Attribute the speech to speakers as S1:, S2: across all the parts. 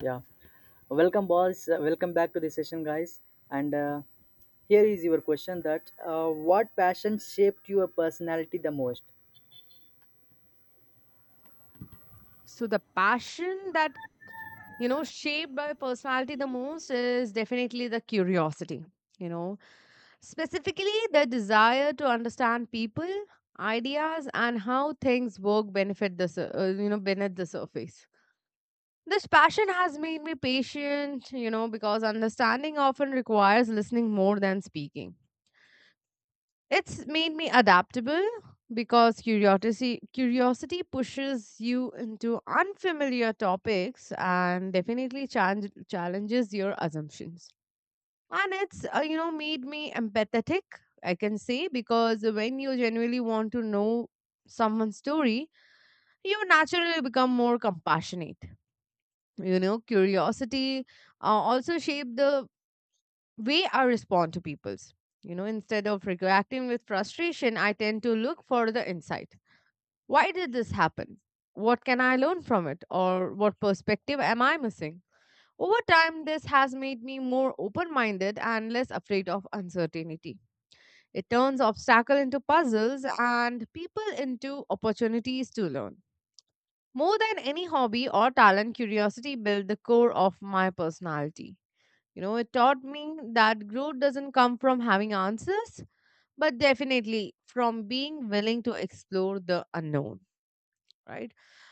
S1: Yeah. Welcome, boys. Welcome back to the session, guys. And Here is your question: That What passion shaped your personality the most?
S2: So the passion that shaped my personality the most is definitely the curiosity. You know, specifically the desire to understand people, ideas, and how things work benefit the beneath the surface. This passion has made me patient, you know, because understanding often requires listening more than speaking. It's made me adaptable because curiosity pushes you into unfamiliar topics and definitely challenges your assumptions. And it's made me empathetic, I can say, because when you genuinely want to know someone's story, you naturally become more compassionate. You know, curiosity uh, also shaped the way I respond to people's. You know, instead of reacting with frustration, I tend to look for the insight. Why did this happen? What can I learn from it? Or what perspective am I missing? Over time, this has made me more open minded and less afraid of uncertainty. It turns obstacles into puzzles and people into opportunities to learn. More than any hobby or talent, curiosity built the core of my personality. You know, it taught me that growth doesn't come from having answers, but definitely from being willing to explore the unknown, right?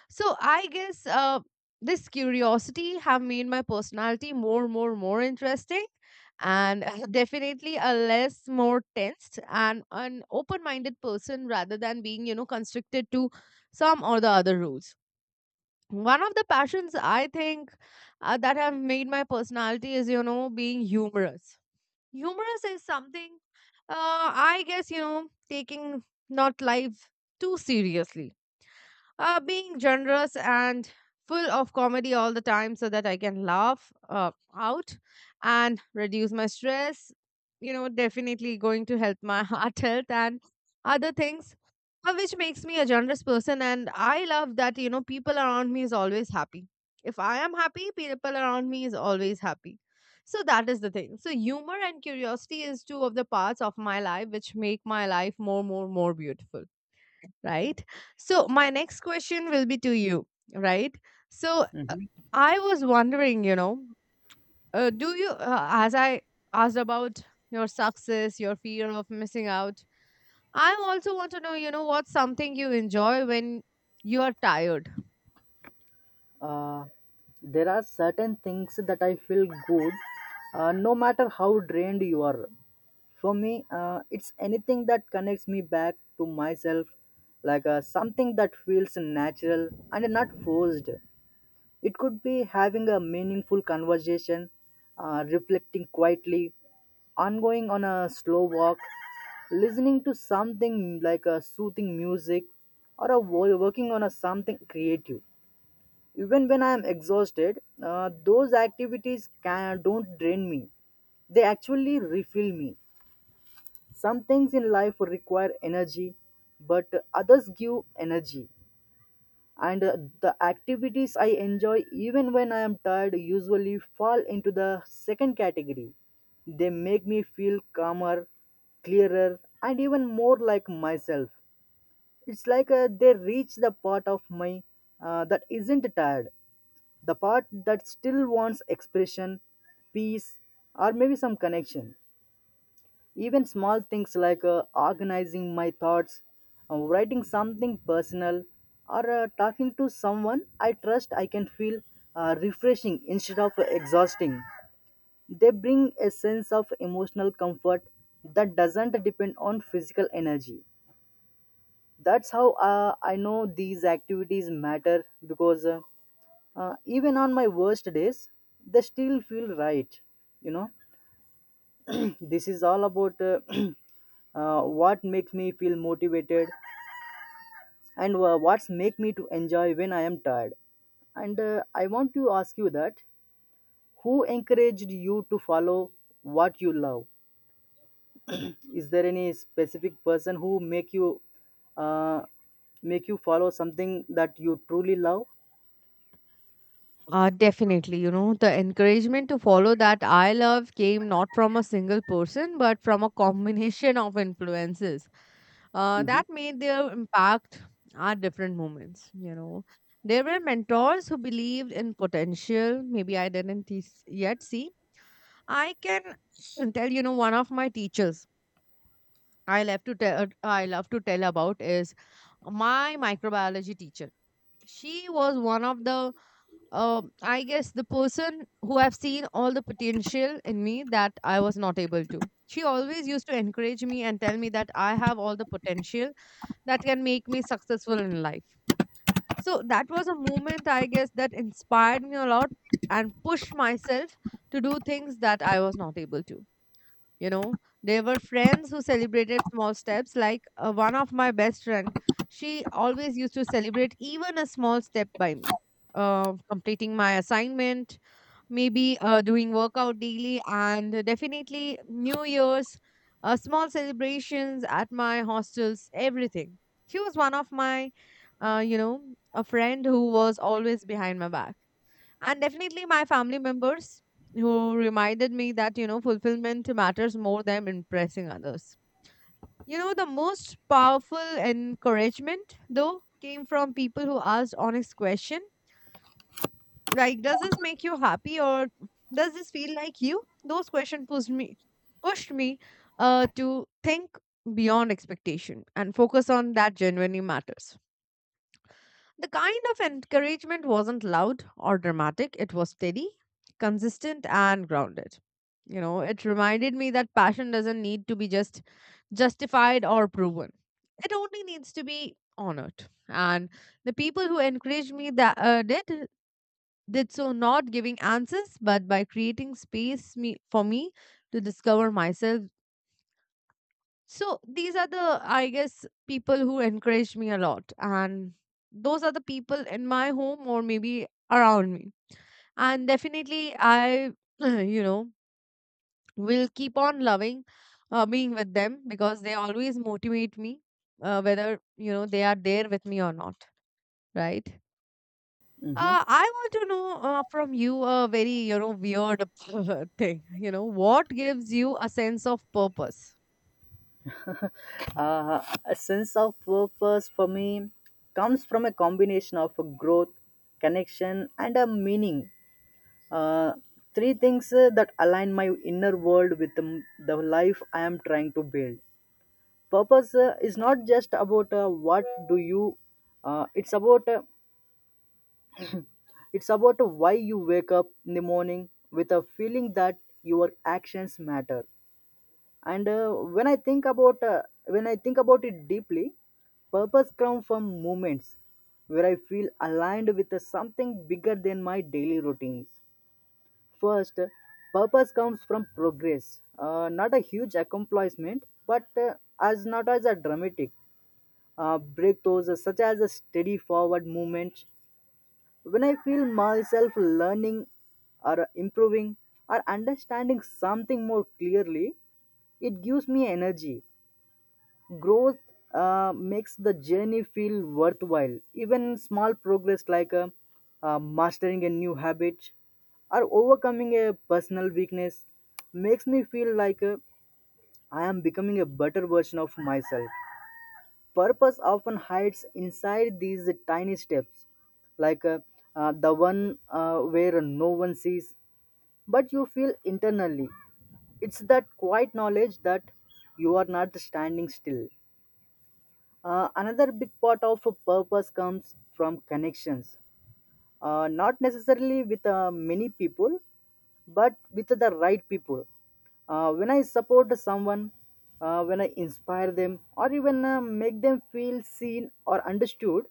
S2: So I guess, this curiosity have made my personality more, interesting and definitely a less more tensed and an open-minded person rather than being, you know, constricted to some or the other rules. One of the passions I think that have made my personality is, you know, being humorous. Humorous is something, I guess, you know, taking not life too seriously, being generous and full of comedy all the time so that I can laugh out and reduce my stress. You know, definitely going to help my heart health and other things, which makes me a generous person. And I love that, you know, people around me is always happy. If I am happy, people around me is always happy. So that is the thing. So humor and curiosity is two of the parts of my life which make my life more, beautiful, right? So, my next question will be to you, right? So, I was wondering, you know, do you, as I asked about your success, your fear of missing out, I also want to know, you know, what's something you enjoy when you are tired?
S1: Uh, there are certain things that I feel good, no matter how drained you are. For me, it's anything that connects me back to myself, like something that feels natural and not forced. It could be having a meaningful conversation, reflecting quietly, ongoing on a slow walk, listening to something like a soothing music, or a working on a something creative. Even when I am exhausted, those activities can, don't drain me. They actually refill me. Some things in life require energy, but others give energy and the activities I enjoy even when I am tired usually fall into the second category. They make me feel calmer, clearer, and even more like myself. It's like they reach the part of my that isn't tired, the part that still wants expression, peace, or maybe some connection. Even small things like organizing my thoughts, writing something personal, or talking to someone I trust, I can feel refreshing instead of exhausting. They bring a sense of emotional comfort that doesn't depend on physical energy. That's how I know these activities matter because even on my worst days, they still feel right, you know. This is all about what makes me feel motivated and what's make me to enjoy when I am tired, and I want to ask you that who encouraged you to follow what you love. Is there any specific person who uh, make you follow something that you truly love?
S2: Definitely, you know, the encouragement to follow that I love came not from a single person, but from a combination of influences
S1: Hmm.
S2: that made their impact at different moments. You know, there were mentors who believed in potential, maybe I didn't yet see. I can tell, you know, one of my teachers I love to tell about is my microbiology teacher. She was one of the I guess the person who have seen all the potential in me that I was not able to. She always used to encourage me and tell me that I have all the potential that can make me successful in life. So that was a moment, I guess, that inspired me a lot and pushed myself to do things that I was not able to. You know, there were friends who celebrated small steps, like one of my best friend, she always used to celebrate even a small step by me, completing my assignment, maybe doing workout daily, and definitely new year's small celebrations at my hostels, everything. She was one of my you know, a friend who was always behind my back. And definitely my family members who reminded me that, you know, fulfillment matters more than impressing others. You know, the most powerful encouragement though came from people who asked honest question like, does this make you happy, or does this feel like you? Those questions pushed me to think beyond expectation and focus on that genuinely matters. The kind of encouragement wasn't loud or dramatic, it was steady, consistent, and grounded. You know, it reminded me that passion doesn't need to be justified or proven. It only needs to be honored. And the people who encouraged me that did so not giving answers, but by creating space for me to discover myself. So these are the, I guess, people who encouraged me a lot. And those are the people in my home or maybe around me. And definitely, I, you know, will keep on loving being with them because they always motivate me, whether, you know, they are there with me or not. Right.
S1: Hmm.
S2: I want to know from you a very, you know, weird thing. You know, what gives you a sense of purpose?
S1: Uh, a sense of purpose for me comes from a combination of a growth, connection, and a meaning. Uh, Three things that align my inner world with the life I am trying to build. Purpose is not just about what do you. It's about it's about why you wake up in the morning with a feeling that your actions matter. And when I think about when I think about it deeply, purpose comes from moments where I feel aligned with something bigger than my daily routines. First, purpose comes from progress, not a huge accomplishment, but as not as a dramatic breakthroughs, such as a steady forward movement. When I feel myself learning or improving or understanding something more clearly, it gives me energy growth makes the journey feel worthwhile. Even small progress like mastering a new habit or overcoming a personal weakness makes me feel like I am becoming a better version of myself. Purpose often hides inside these tiny steps, like the one where no one sees, but you feel internally. It's that quiet knowledge that you are not standing still. Another big part of a purpose comes from connections, not necessarily with many people, but with the right people. When I support someone, when I inspire them, or even make them feel seen or understood,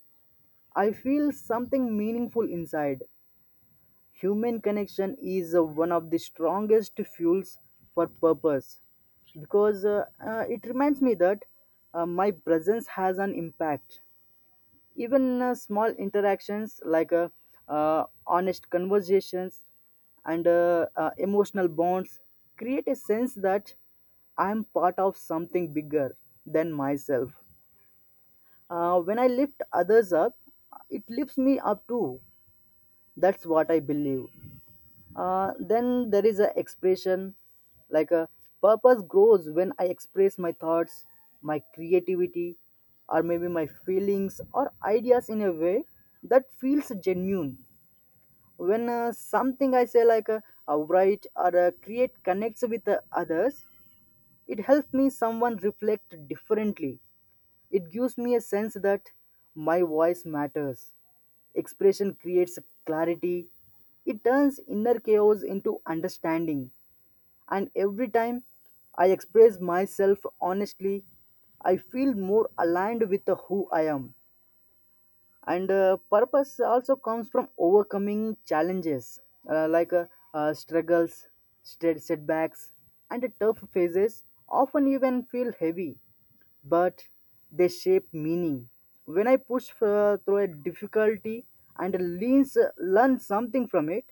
S1: I feel something meaningful inside. Human connection is one of the strongest fuels for purpose because it reminds me that my presence has an impact, even small interactions like honest conversations and emotional bonds create a sense that I'm part of something bigger than myself. When I lift others up, it lifts me up too. That's what I believe. Then there is a expression like a purpose grows when I express my thoughts, my creativity, or maybe my feelings or ideas in a way that feels genuine. When something I say like a write or a create connects with the others, it helps me someone reflect differently. It gives me a sense that my voice matters. Expression creates clarity. It turns inner chaos into understanding. And every time I express myself honestly, I feel more aligned with who I am, and purpose also comes from overcoming challenges like struggles, setbacks, and tough phases often even feel heavy, but they shape meaning. When I push through a difficulty and leans, uh, learn something from it,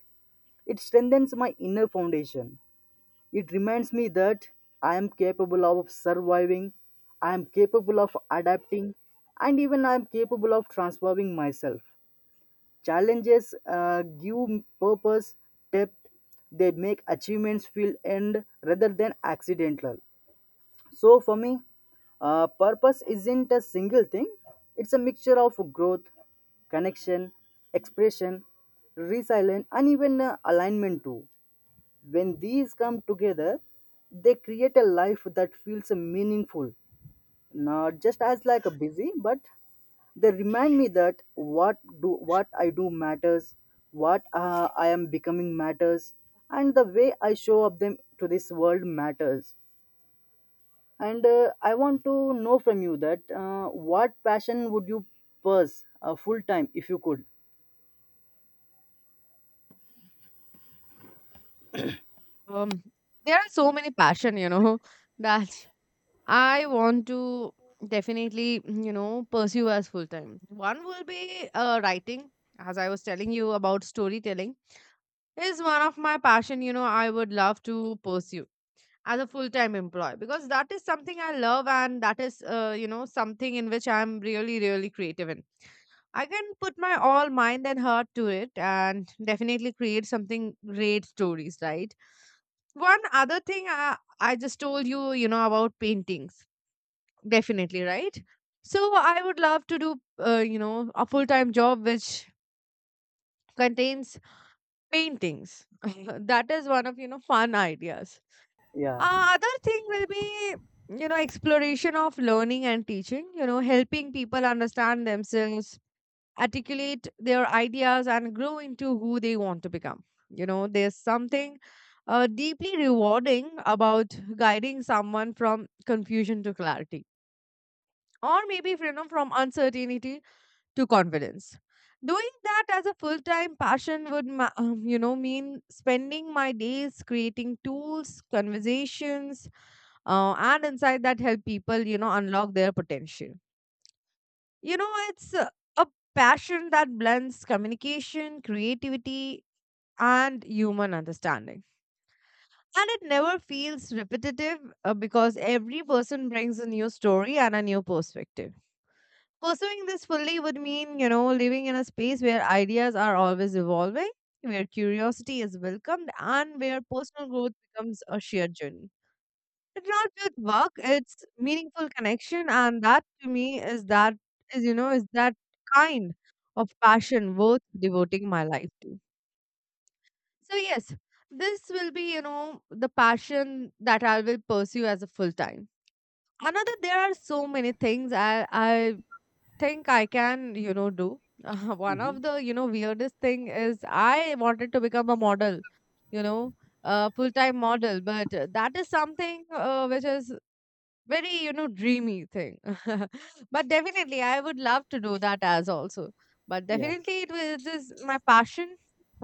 S1: it strengthens my inner foundation. It reminds me that I am capable of surviving, I am capable of adapting, and even I am capable of transforming myself. Challenges give purpose, depth, they make achievements feel end rather than accidental. So for me, purpose isn't a single thing, it's a mixture of growth, connection, expression, resilience, and even alignment too. When these come together, they create a life that feels meaningful, not just as like a busy, but they remind me that what do what I do matters, what I am becoming matters, and the way I show up them to this world matters. And I want to know from you that what passion would you pursue full time if you could?
S2: Um, there are so many passion, you know, that I want to definitely, you know, pursue as full time. One will be writing, as I was telling you about storytelling, is one of my passion. You know, I would love to pursue as a full time employee because that is something I love and that is, you know, something in which I'm really, really creative in. I can put my all mind and heart to it and definitely create something great stories, right? One other thing I just told you, you know, about paintings, definitely, right? So I would love to do you know, a full-time job which contains paintings. That is one of, you know, fun ideas.
S1: Yeah.
S2: Uh, other thing will be, you know, exploration of learning and teaching, you know, helping people understand themselves, articulate their ideas, and grow into who they want to become. You know, there's something deeply rewarding about guiding someone from confusion to clarity, or maybe you know, from uncertainty to confidence. Doing that as a full time passion would, you know, mean spending my days creating tools, conversations, and insight that help people, you know, unlock their potential. You know, it's a passion that blends communication, creativity, and human understanding. And it never feels repetitive because every person brings a new story and a new perspective. Pursuing this fully would mean, you know, living in a space where ideas are always evolving, where curiosity is welcomed, and where personal growth becomes a shared journey. It's not just work, it's meaningful connection, and that to me is that is you know is that kind of passion worth devoting my life to. So yes, this will be, you know, the passion that I will pursue as a full time. Another, there are so many things I think I can, you know, do. One
S1: Hmm.
S2: of the, you know, weirdest thing is I wanted to become a model, you know, a full time model, but that is something which is very, you know, dreamy thing. But definitely I would love to do that as also, but
S1: Yeah.
S2: definitely it was this my passion,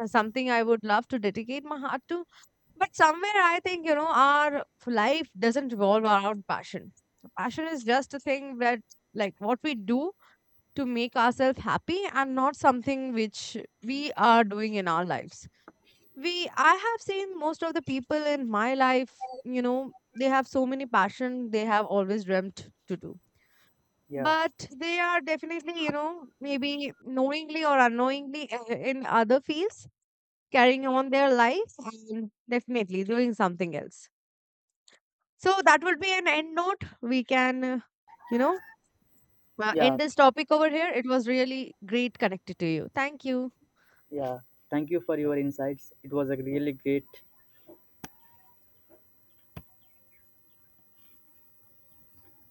S2: something I would love to dedicate my heart to. But somewhere I think, you know, our life doesn't revolve around passion. Passion is just a thing that like what we do to make ourselves happy and not something which we are doing in our lives. We I have seen most of the people in my life, you know, they have so many passion, they have always dreamt to do,
S1: Yeah.
S2: but they are definitely, you know, maybe knowingly or unknowingly in other fields, carrying on their life and definitely doing something else. So that would be an end note. We can you know,
S1: Yeah.
S2: end this topic over here. It was really great connected to you. Thank you.
S1: Yeah, thank you for your insights. It was a really great